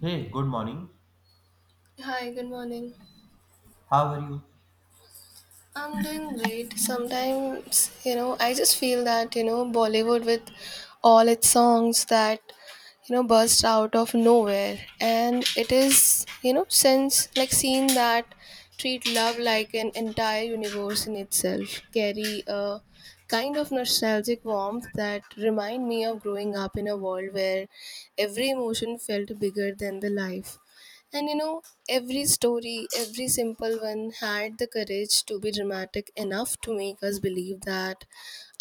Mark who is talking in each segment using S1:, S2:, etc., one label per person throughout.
S1: Hey, good morning.
S2: Hi, good morning.
S1: How are you?
S2: I'm doing great. Sometimes, I just feel that, Bollywood with all its songs that, burst out of nowhere. And it is, since like seen that treat love like an entire universe in itself, carry a kind of nostalgic warmth that remind me of growing up in a world where every emotion felt bigger than the life, and every story, every simple one, had the courage to be dramatic enough to make us believe that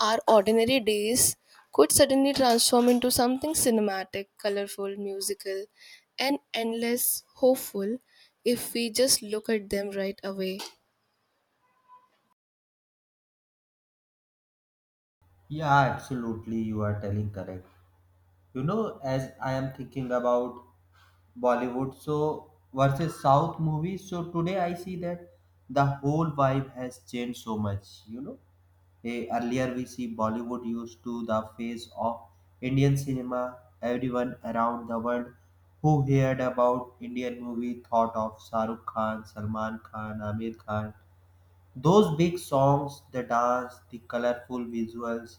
S2: our ordinary days could suddenly transform into something cinematic, colorful, musical, and endless hopeful if we just look at them right away.
S1: Yeah, absolutely. You are telling correct. You know, as I am thinking about Bollywood so versus South movies, so today I see that the whole vibe has changed so much. Earlier we see Bollywood used to the face of Indian cinema. Everyone around the world who heard about Indian movie thought of Shahrukh Khan, Salman Khan, Amir Khan. Those big songs, the dance, the colorful visuals.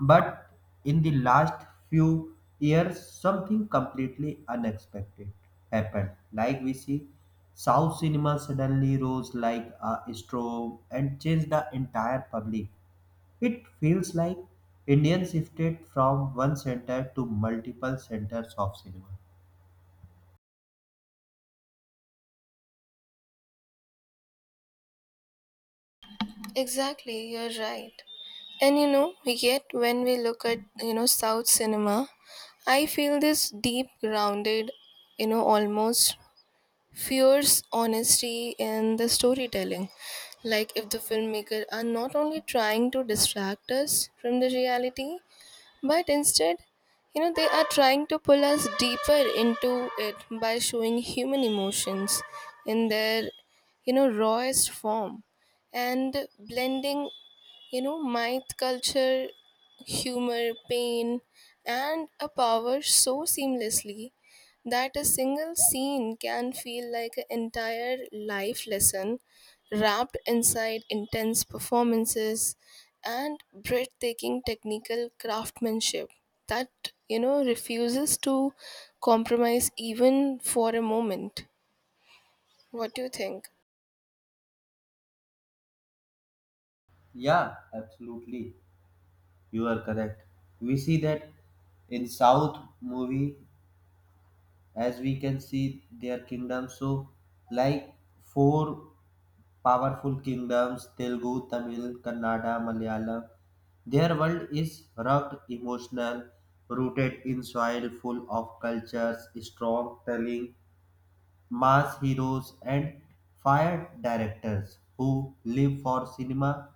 S1: But in the last few years, something completely unexpected happened. Like we see, South cinema suddenly rose like a storm and changed the entire public. It feels like Indians shifted from one center to multiple centers of cinema.
S2: Exactly, you're right. And yet when we look at, South cinema, I feel this deep grounded, almost fears honesty in the storytelling. Like if the filmmaker are not only trying to distract us from the reality, but instead, they are trying to pull us deeper into it by showing human emotions in their, rawest form, and blending, myth culture, humor, pain, and a power so seamlessly that a single scene can feel like an entire life lesson wrapped inside intense performances and breathtaking technical craftsmanship that refuses to compromise even for a moment. What do you think?
S1: Yeah, absolutely. You are correct. We see that in South movie, as we can see their kingdoms so like four powerful kingdoms: telugu, tamil, kannada, malayalam. Their world is rugged, emotional, rooted in soil full of cultures, storytelling, mass heroes, and fire directors who live for cinema.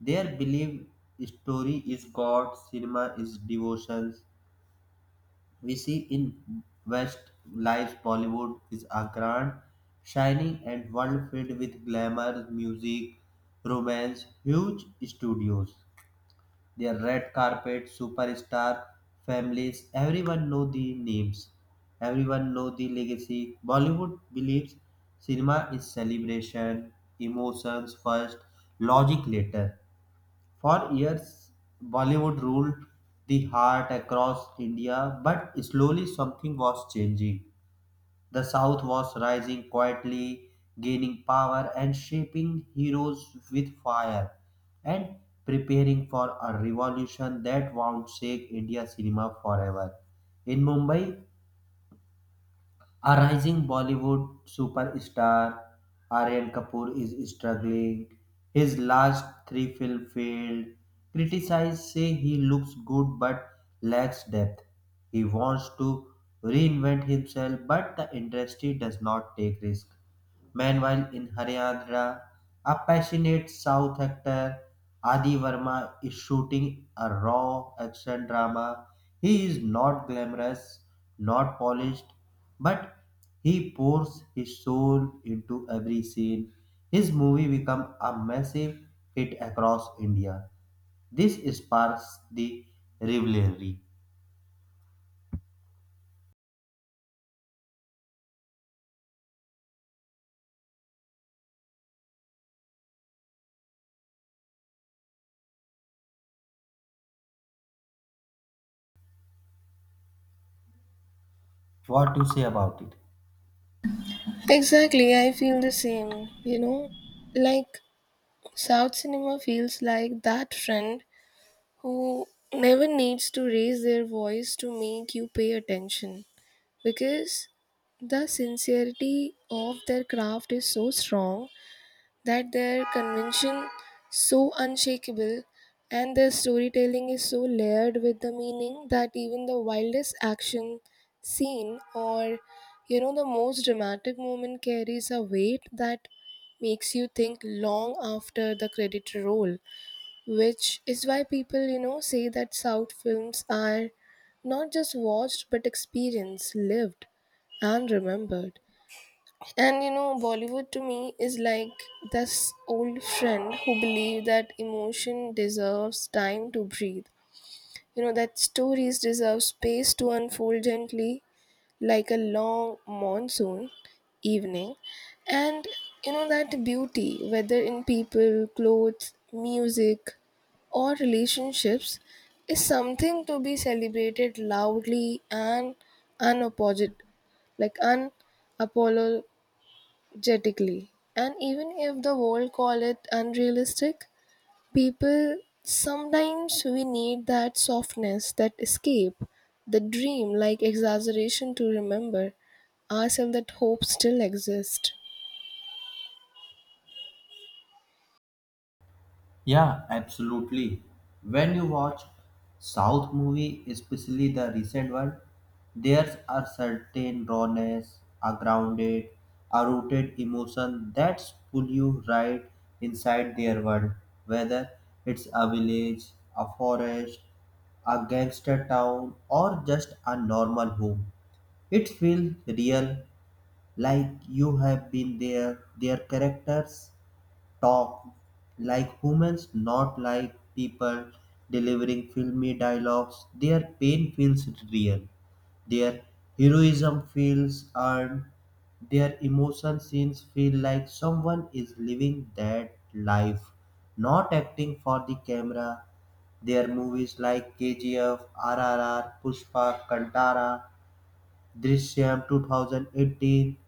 S1: Their belief, story is God, cinema is devotion. We see in West lives Bollywood is a grand, shining and world filled with glamour, music, romance, huge studios, their red carpet, superstar families, everyone know the names, everyone know the legacy. Bollywood believes cinema is celebration, emotions first, logic later. For years, Bollywood ruled the heart across India, but slowly something was changing. The South was rising quietly, gaining power and shaping heroes with fire, and preparing for a revolution that would shake India cinema forever. In Mumbai, a rising Bollywood superstar, Aryan Kapoor is struggling. His last three films failed. Criticized say he looks good but lacks depth. He wants to reinvent himself, but the industry does not take risk. Meanwhile, in Haryana, a passionate South actor, Adi Verma, is shooting a raw action drama. He is not glamorous, not polished, but he pours his soul into every scene. His movie became a massive hit across India. This sparks the rivalry. What do you say about it?
S2: Exactly, I feel the same, like South cinema feels like that friend who never needs to raise their voice to make you pay attention, because the sincerity of their craft is so strong that their convention so unshakable, and their storytelling is so layered with the meaning that even the wildest action scene or the most dramatic moment carries a weight that makes you think long after the credit roll, which is why people say that South films are not just watched but experienced, lived, and remembered. And Bollywood to me is like this old friend who believe that emotion deserves time to breathe. That stories deserve space to unfold gently like a long monsoon evening. And that beauty, whether in people, clothes, music, or relationships, is something to be celebrated loudly and unapologetic, like unapolo Genetically, and even if the world call it unrealistic, people, sometimes we need that softness, that escape, the dream like exaggeration to remember ourselves that hope still exists.
S1: Yeah, absolutely. When you watch South movie, especially the recent one, there's a certain rawness, a grounded, a rooted emotion that's pull you right inside their world. Whether it's a village, a forest, a gangster town, or just a normal home, it feels real, like you have been there. Their characters talk like humans, not like people delivering filmy dialogues. Their pain feels real, their heroism feels earned, their emotion scenes feel like someone is living that life, not acting for the camera. Their movies like KGF, RRR, Pushpa, Kantara, Drishyam 2018,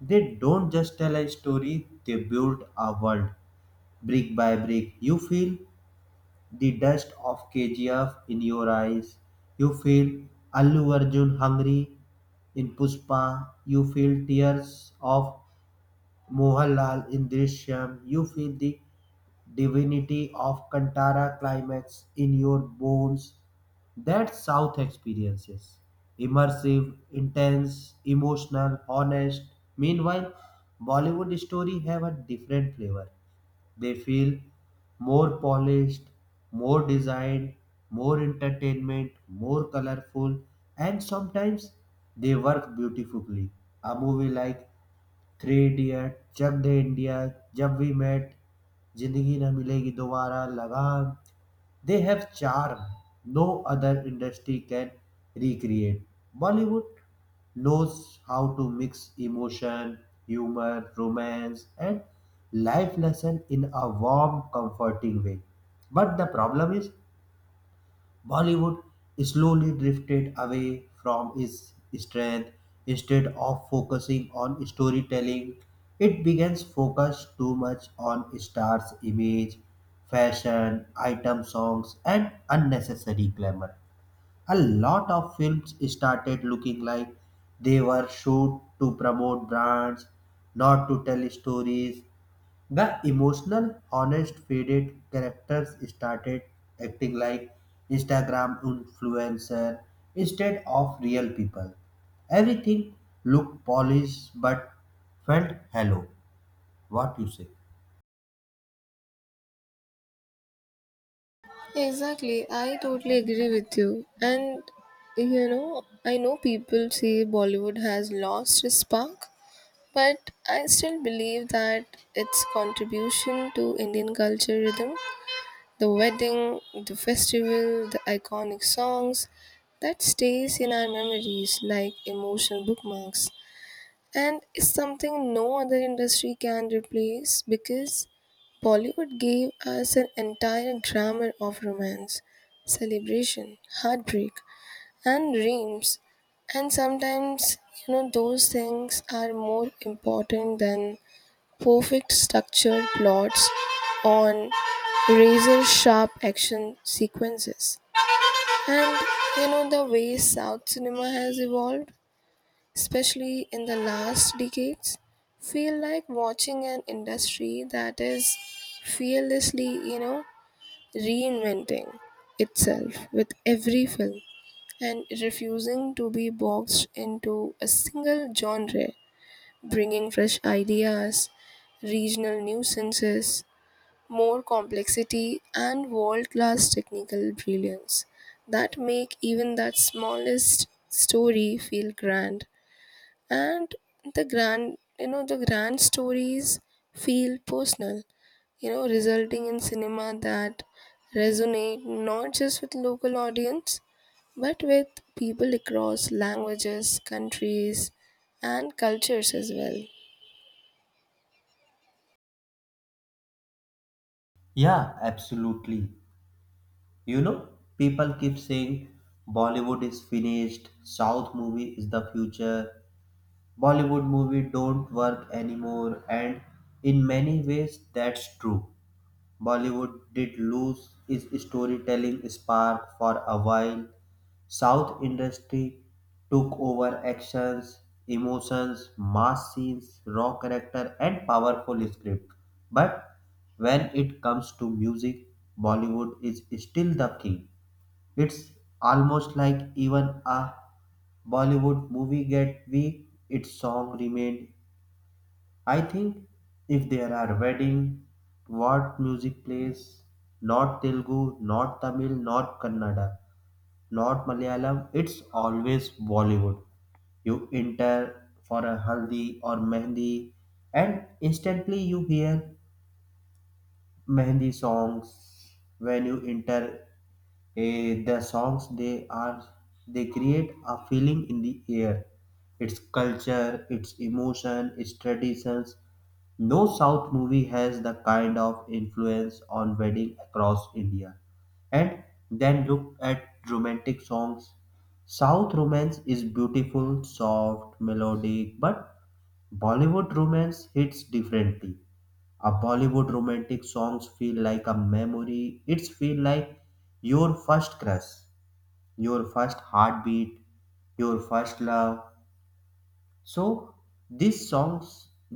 S1: they don't just tell a story, they build a world brick by brick. You feel the dust of KGF in your eyes. You feel Allu Arjun hungry in Puspa. You feel tears of Mohanlal in Drishyam. You feel the divinity of Kantara climax in your bones. That South experiences immersive, intense, emotional, honest. Meanwhile, Bollywood story have a different flavor. They feel more polished, more designed, more entertainment, more colorful, and sometimes they work beautifully. A movie like Three Idiot, Jab De India, Jab We Met, Zindagi Na Milegi Dobara, Lagan, they have charm no other industry can recreate. Bollywood knows how to mix emotion, humor, romance, and life lesson in a warm, comforting way. But the problem is Bollywood slowly drifted away from its strength. Instead of focusing on storytelling, it began to focus too much on stars' image, fashion, item songs, and unnecessary glamour. A lot of films started looking like they were shot to promote brands, not to tell stories. The emotional, honest, faded characters started acting like Instagram influencer instead of real people. Everything looked polished but felt hollow. What you say?
S2: Exactly, I totally agree with you. And I know people say Bollywood has lost its spark, but I still believe that its contribution to Indian culture rhythm, the wedding, the festival, the iconic songs that stays in our memories like emotional bookmarks, and is something no other industry can replace, because Bollywood gave us an entire grammar of romance, celebration, heartbreak, and dreams. And sometimes, those things are more important than perfect structured plots on razor sharp action sequences. And the way South cinema has evolved, especially in the last decades, feel like watching an industry that is fearlessly, you know, reinventing itself with every film and refusing to be boxed into a single genre, bringing fresh ideas, regional nuisances, more complexity, and world class technical brilliance that make even that smallest story feel grand. And the grand stories feel personal, resulting in cinema that resonate not just with local audience but with people across languages, countries, and cultures as well.
S1: Yeah, absolutely. You know, people keep saying Bollywood is finished, South movie is the future, Bollywood movie don't work anymore, and in many ways that's true. Bollywood did lose its storytelling spark for a while. South industry took over actions, emotions, mass scenes, raw character, and powerful script. But when it comes to music, Bollywood is still the king. It's almost like even a Bollywood movie get weak, its song remained. I think if there are wedding, what music plays? Not Telugu, not Tamil, not Kannada, not Malayalam. It's always Bollywood. You enter for a haldi or mehndi, and instantly you hear mehndi songs when you enter. The songs they are, they create a feeling in the air, its culture, its emotion, its traditions. No south movie has the kind of influence on wedding across india. And then look at romantic songs. South romance is beautiful, soft, melodic, but bollywood romance hits differently. A bollywood romantic songs feel like a memory, it's feel like your first crush, your first heartbeat, your first love. So these songs,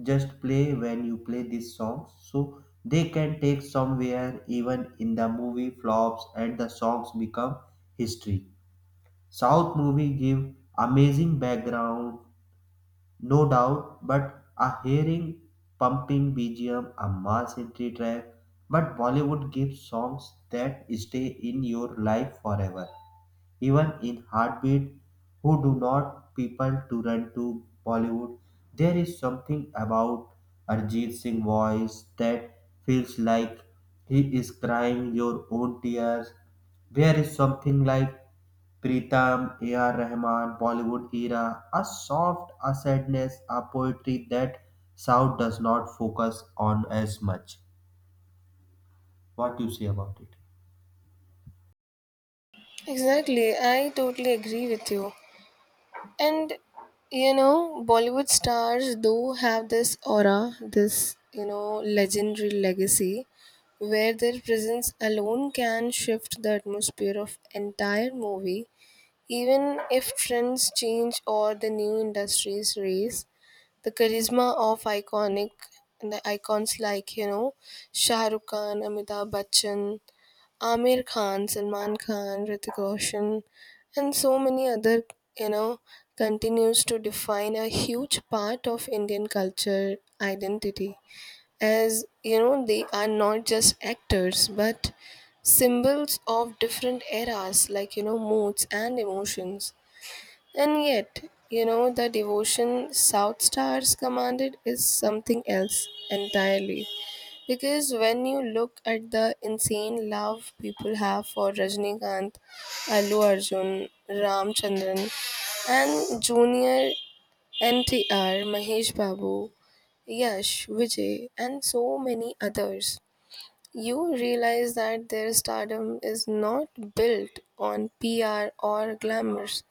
S1: just play when you play these songs so they can take somewhere, even in the movie flops and the songs become history. South movie give amazing background, no doubt, but a hearing pumping BGM, a mass entry track. But Bollywood gives songs that stay in your life forever. Even in Heartbeat, who do not people to run to Bollywood, there is something about Arjit Singh voice that feels like he is crying your own tears. There is something like Pritam, A.R. Rahman, Bollywood era, a soft, a sadness, a poetry that South does not focus on as much. What do you say about it?
S2: Exactly, I totally agree with you. And Bollywood stars do have this aura, this legendary legacy where their presence alone can shift the atmosphere of entire movie, even if trends change or the new industries raise the charisma of iconic the icons like Shah Rukh Khan, Amitabh Bachchan, Amir Khan, Salman Khan, Ritik Roshan, and so many other, you know, continues to define a huge part of Indian culture identity. As you know, they are not just actors but symbols of different eras, like moods and emotions. And yet, the devotion South Stars commanded is something else entirely. Because when you look at the insane love people have for Rajnikanth, Allu Arjun, Ramchandran, and Junior NTR, Mahesh Babu, Yash, Vijay, and so many others, you realize that their stardom is not built on PR or glamours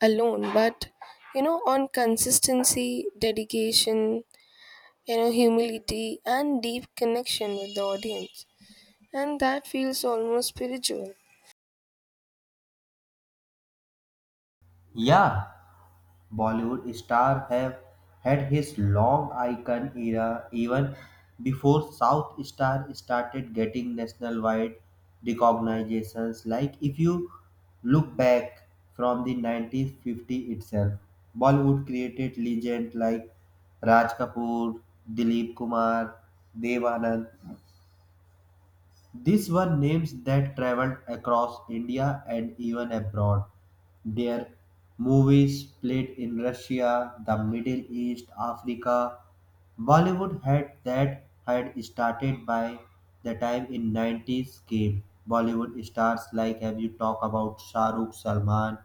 S2: alone, but on consistency, dedication, humility, and deep connection with the audience. And that feels almost spiritual.
S1: Yeah, Bollywood star have had his long icon era even before South Star started getting national wide recognitions. Like if you look back from the 1950 itself, Bollywood created legends like Raj Kapoor, Dilip Kumar, Dev Anand, these were names that traveled across India and even abroad. Their movies played in Russia, the Middle East, Africa. Bollywood had that had started by the time in 90s came. Bollywood stars like have you talk about Shah Rukh, Salman,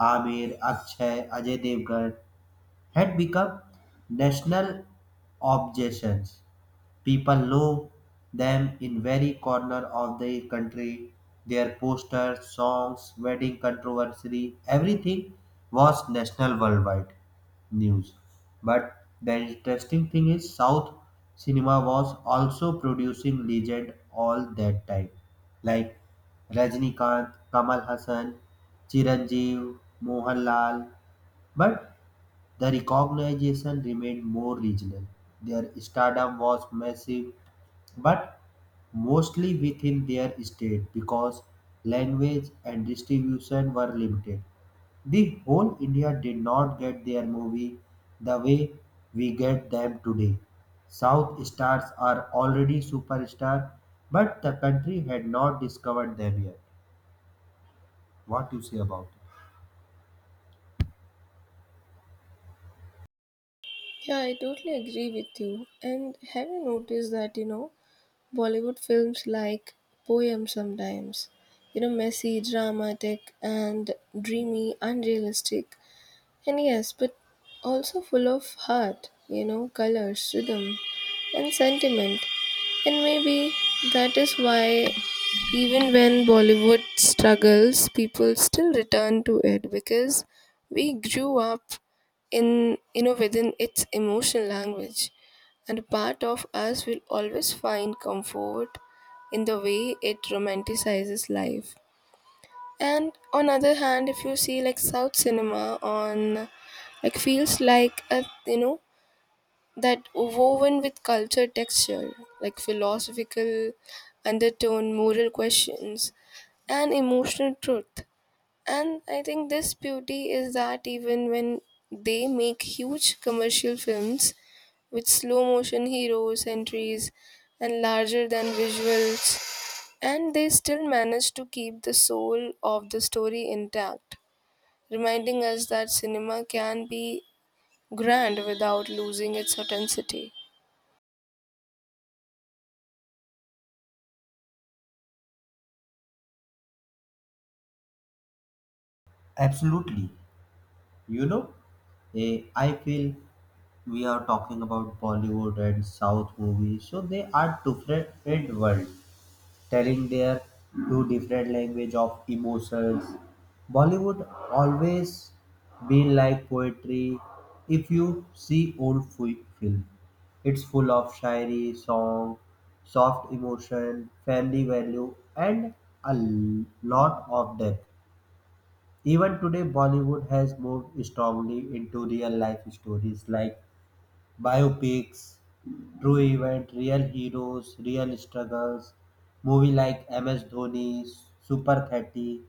S1: Amir, Akshay, Ajay Devgan had become national obsessions. People love them in very corner of the country. Their posters, songs, wedding controversy, everything was national worldwide news. But the interesting thing is South cinema was also producing legend all that time. Like Rajnikant, Kamal Hassan, Chiranjeev, Mohanlal, but the recognition remained more regional. Their stardom was massive but mostly within their state because language and distribution were limited. The whole India did not get their movie the way we get them today. South stars are already superstar, but the country had not discovered them yet. What you say about it?
S2: Yeah, I totally agree with you. And have you noticed that, Bollywood films like poems sometimes, messy, dramatic, and dreamy, unrealistic, and yes, but also full of heart, colors, rhythm, and sentiment. And maybe that is why, even when Bollywood struggles, people still return to it because we grew up in, within its emotional language. And a part of us will always find comfort in the way it romanticizes life. And on other hand, if you see like South cinema on, like, feels like a, that woven with culture texture, like philosophical undertone, moral questions, and emotional truth. And I think this beauty is that even when they make huge commercial films with slow motion heroes, entries, and larger than visuals, and they still manage to keep the soul of the story intact, reminding us that cinema can be grand without losing its authenticity.
S1: Absolutely. You know, I feel we are talking about Bollywood and South movies, so they are different world, telling their two different language of emotions. Bollywood always been like poetry. If you see film, it's full of shayari song, soft emotion, family value, and lot of depth. Even today bollywood has moved strongly into real life stories like biopics, true event, real heroes, real struggles, movie like MS Dhoni, Super 30.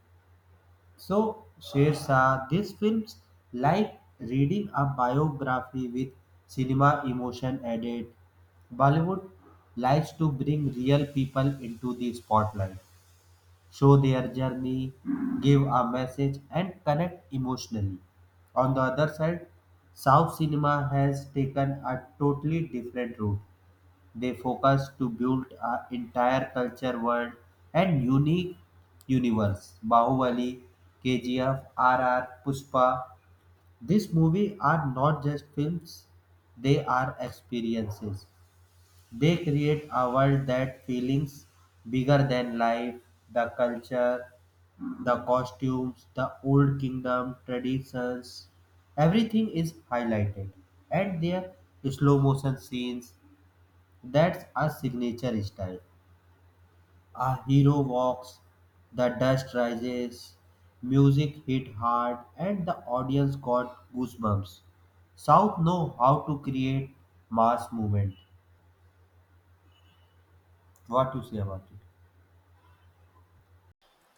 S1: So, Shershah, these films like reading a biography with cinema emotion added. Bollywood likes to bring real people into the spotlight, show their journey, give a message, and connect emotionally. On the other side, South cinema has taken a totally different route. They focus to build an entire culture world and unique universe. Bahubali, KGF, RR, Pushpa. These movies are not just films, they are experiences. They create a world that feelings bigger than life, the culture, the costumes, the old kingdom traditions, everything is highlighted. And their slow motion scenes, that's a signature style. A hero walks, the dust rises, music hit hard, and the audience got goosebumps. South know how to create mass movement. What you say about it?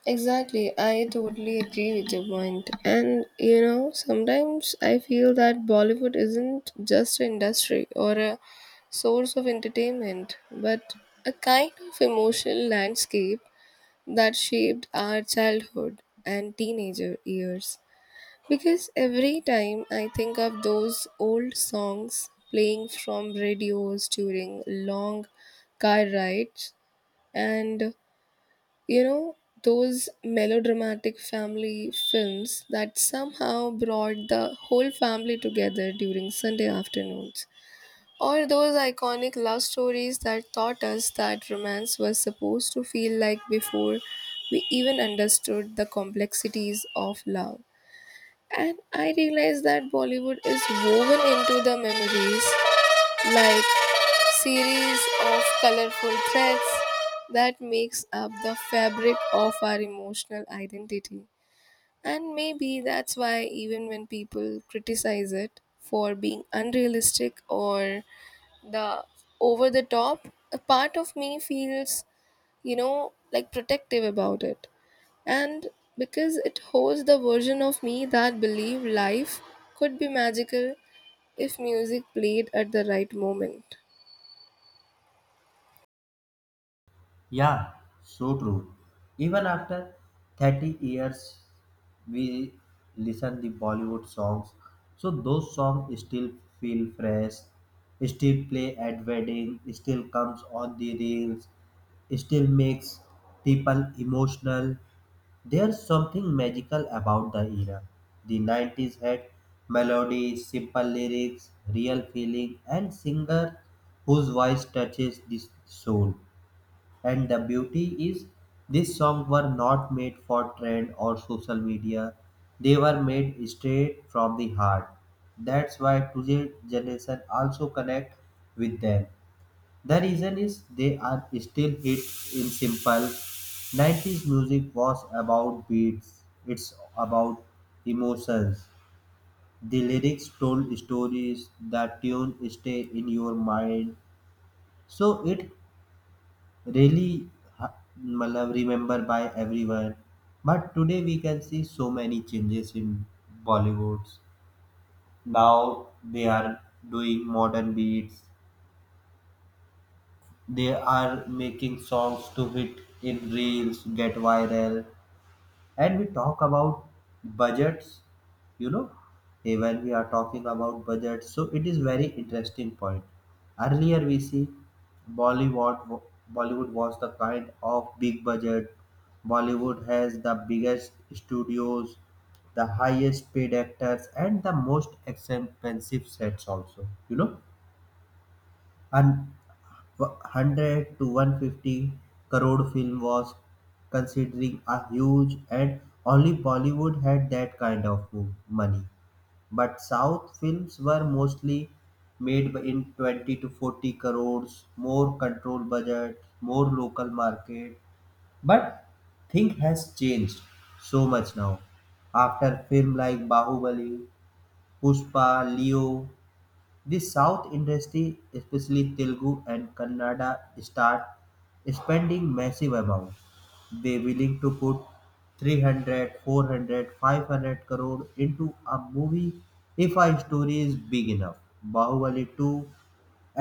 S2: Exactly, I totally agree with your point. And sometimes I feel that Bollywood isn't just an industry or a source of entertainment, but a kind of emotional landscape that shaped our childhood and teenager years. Because every time I think of those old songs playing from radios during long car rides, and you know, those melodramatic family films that somehow brought the whole family together during Sunday afternoons, or those iconic love stories that taught us that romance was supposed to feel like before we even understood the complexities of love. And I realize that Bollywood is woven into the memories like series of colorful threads that makes up the fabric of our emotional identity. And maybe that's why, even when people criticize it for being unrealistic or the over the top, a part of me feels, like protective about it. And because it holds the version of me that believed life could be magical if music played at the right moment.
S1: Yeah, so true. Even after 30 years, we listen the Bollywood songs. So those songs still feel fresh, still play at wedding, still comes on the reels, still makes people emotional. There's something magical about the era. The 90s had melodies, simple lyrics, real feeling, and singer whose voice touches the soul. And the beauty is, these songs were not made for trend or social media. They were made straight from the heart. That's why today's generation also connect with them. The reason is they are still hit in simple. 90s music was about beats. It's about emotions. The lyrics told stories. The tune stay in your mind. So it really ha- matlab remember by everyone, but today we can see so many changes in bollywoods. Now they are doing modern beats, they are making songs to hit in reels, get viral. And we talk about budgets, you know when we are talking about budgets so it is very interesting point. Earlier we see bollywood bollywood was the kind of big budget. Bollywood has the biggest studios, the highest paid actors and the most expensive sets also, you know, an 100 to 150 crore film was considering a huge, and only Bollywood had that kind of money. But South films were mostly in 20 to 40 crores, more control budget, more local market. But thing has changed so much now. After film like Bahubali, Pushpa, Leo, the South industry, especially Telugu and Kannada, start spending massive amounts. They willing to put 300, 400, 500 crore into a movie if a story is big enough. Bahubali 2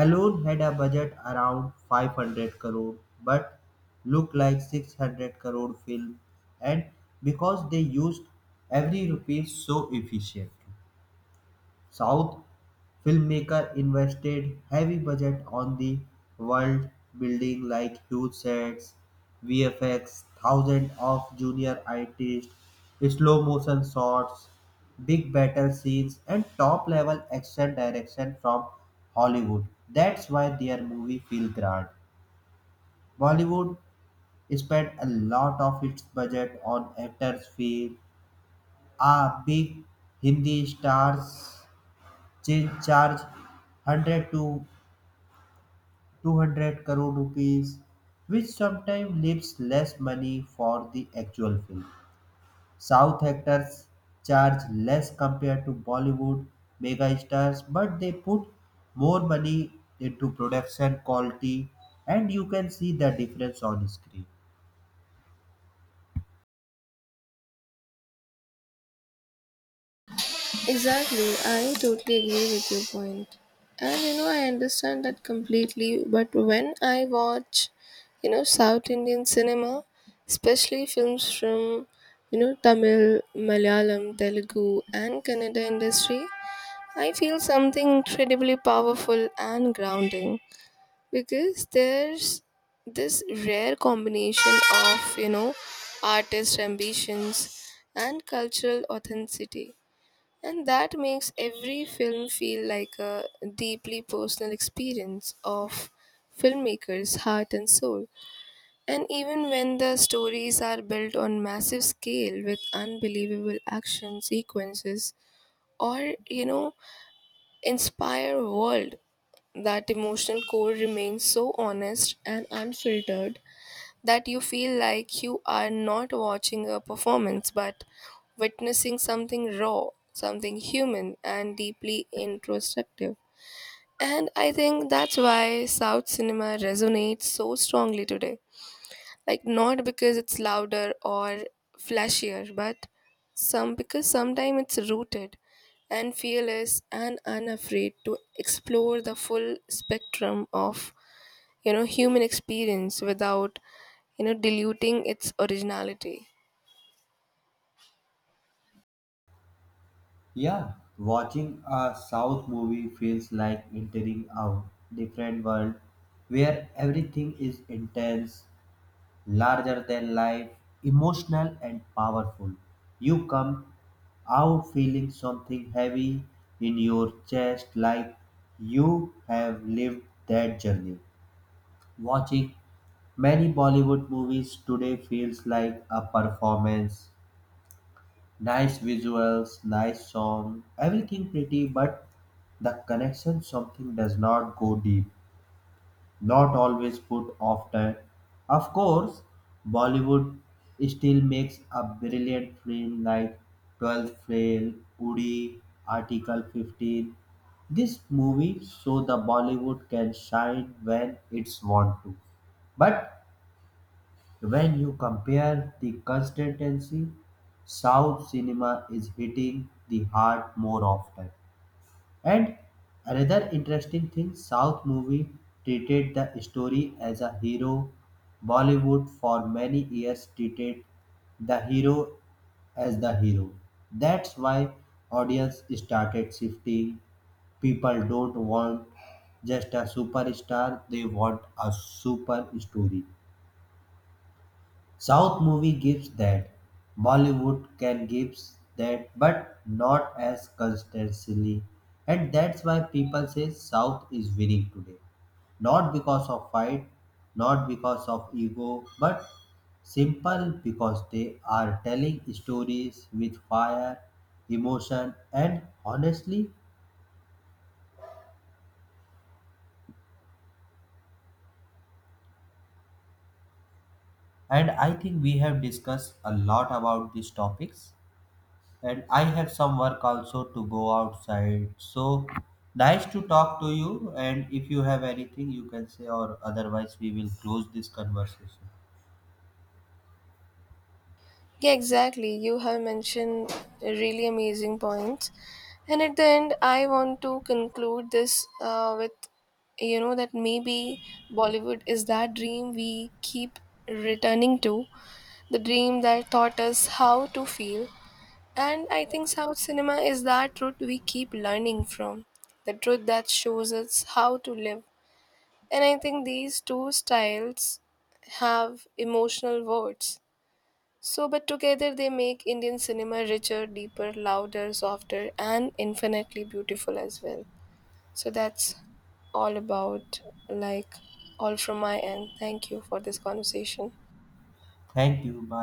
S1: alone had a budget around 500 crore but looked like 600 crore film, and because they used every rupee so efficiently. South filmmaker invested heavy budget on the world building like huge sets, VFX, thousands of junior artists, slow motion shots, big battle scenes and top level action direction from Hollywood. That's why their movie feel grand. Bollywood spent a lot of its budget on actors' fee. A big Hindi stars charge 100 to 200 crore rupees, which sometimes leaves less money for the actual film. South actors charge less compared to Bollywood megastars, but they put more money into production quality, and you can see the difference on screen.
S2: Exactly, I totally agree with your point. And I understand that completely, but when I watch, South Indian cinema, especially films from, Tamil, Malayalam, Telugu, and Kannada industry, I feel something incredibly powerful and grounding, because there's this rare combination of, artist ambitions and cultural authenticity. And that makes every film feel like a deeply personal experience of filmmakers' heart and soul. And even when the stories are built on massive scale with unbelievable action sequences or, inspire world, that emotional core remains so honest and unfiltered that you feel like you are not watching a performance but witnessing something raw, something human and deeply introspective. And I think that's why South cinema resonates so strongly today, like not because it's louder or flashier, but some, because sometimes it's rooted and fearless and unafraid to explore the full spectrum of human experience without diluting its originality.
S1: Yeah, watching a South movie feels like entering a different world where everything is intense, larger than life, emotional and powerful. You come out feeling something heavy in your chest like you have lived that journey. Watching many Bollywood movies today feels like a performance. Nice visuals, nice song, everything pretty, but the connection something does not go deep, not always put off that. Of course, Bollywood still makes a brilliant film like 12th Fail, Udi, Article 15. This movie so the Bollywood can shine when it's want to. But when you compare the consistency, South cinema is hitting the heart more often. And another interesting thing, South movie treated the story as a hero. Bollywood for many years treated the hero as the hero. That's why audience started shifting. People don't want just a superstar, they want a super story. South movie gives that. Bollywood can gives that, but not as consistently. And that's why people say South is winning today. Not because of fight, not because of ego, but simple because they are telling stories with fire, emotion, and honestly. And I think we have discussed a lot about these topics. And I have some work also to go outside. So nice to talk to you. And if you have anything, you can say, or otherwise, we will close this conversation.
S2: Yeah, exactly. You have mentioned really amazing points. And at the end, I want to conclude this with, that maybe Bollywood is that dream we keep returning to, the dream that taught us how to feel. And I think South cinema is that truth we keep learning from, the truth that shows us how to live. And I think these two styles have emotional words so, but together they make Indian cinema richer, deeper, louder, softer, and infinitely beautiful as well. So, that's all about, like, all from my end. Thank you for this conversation.
S1: Thank you. Bye.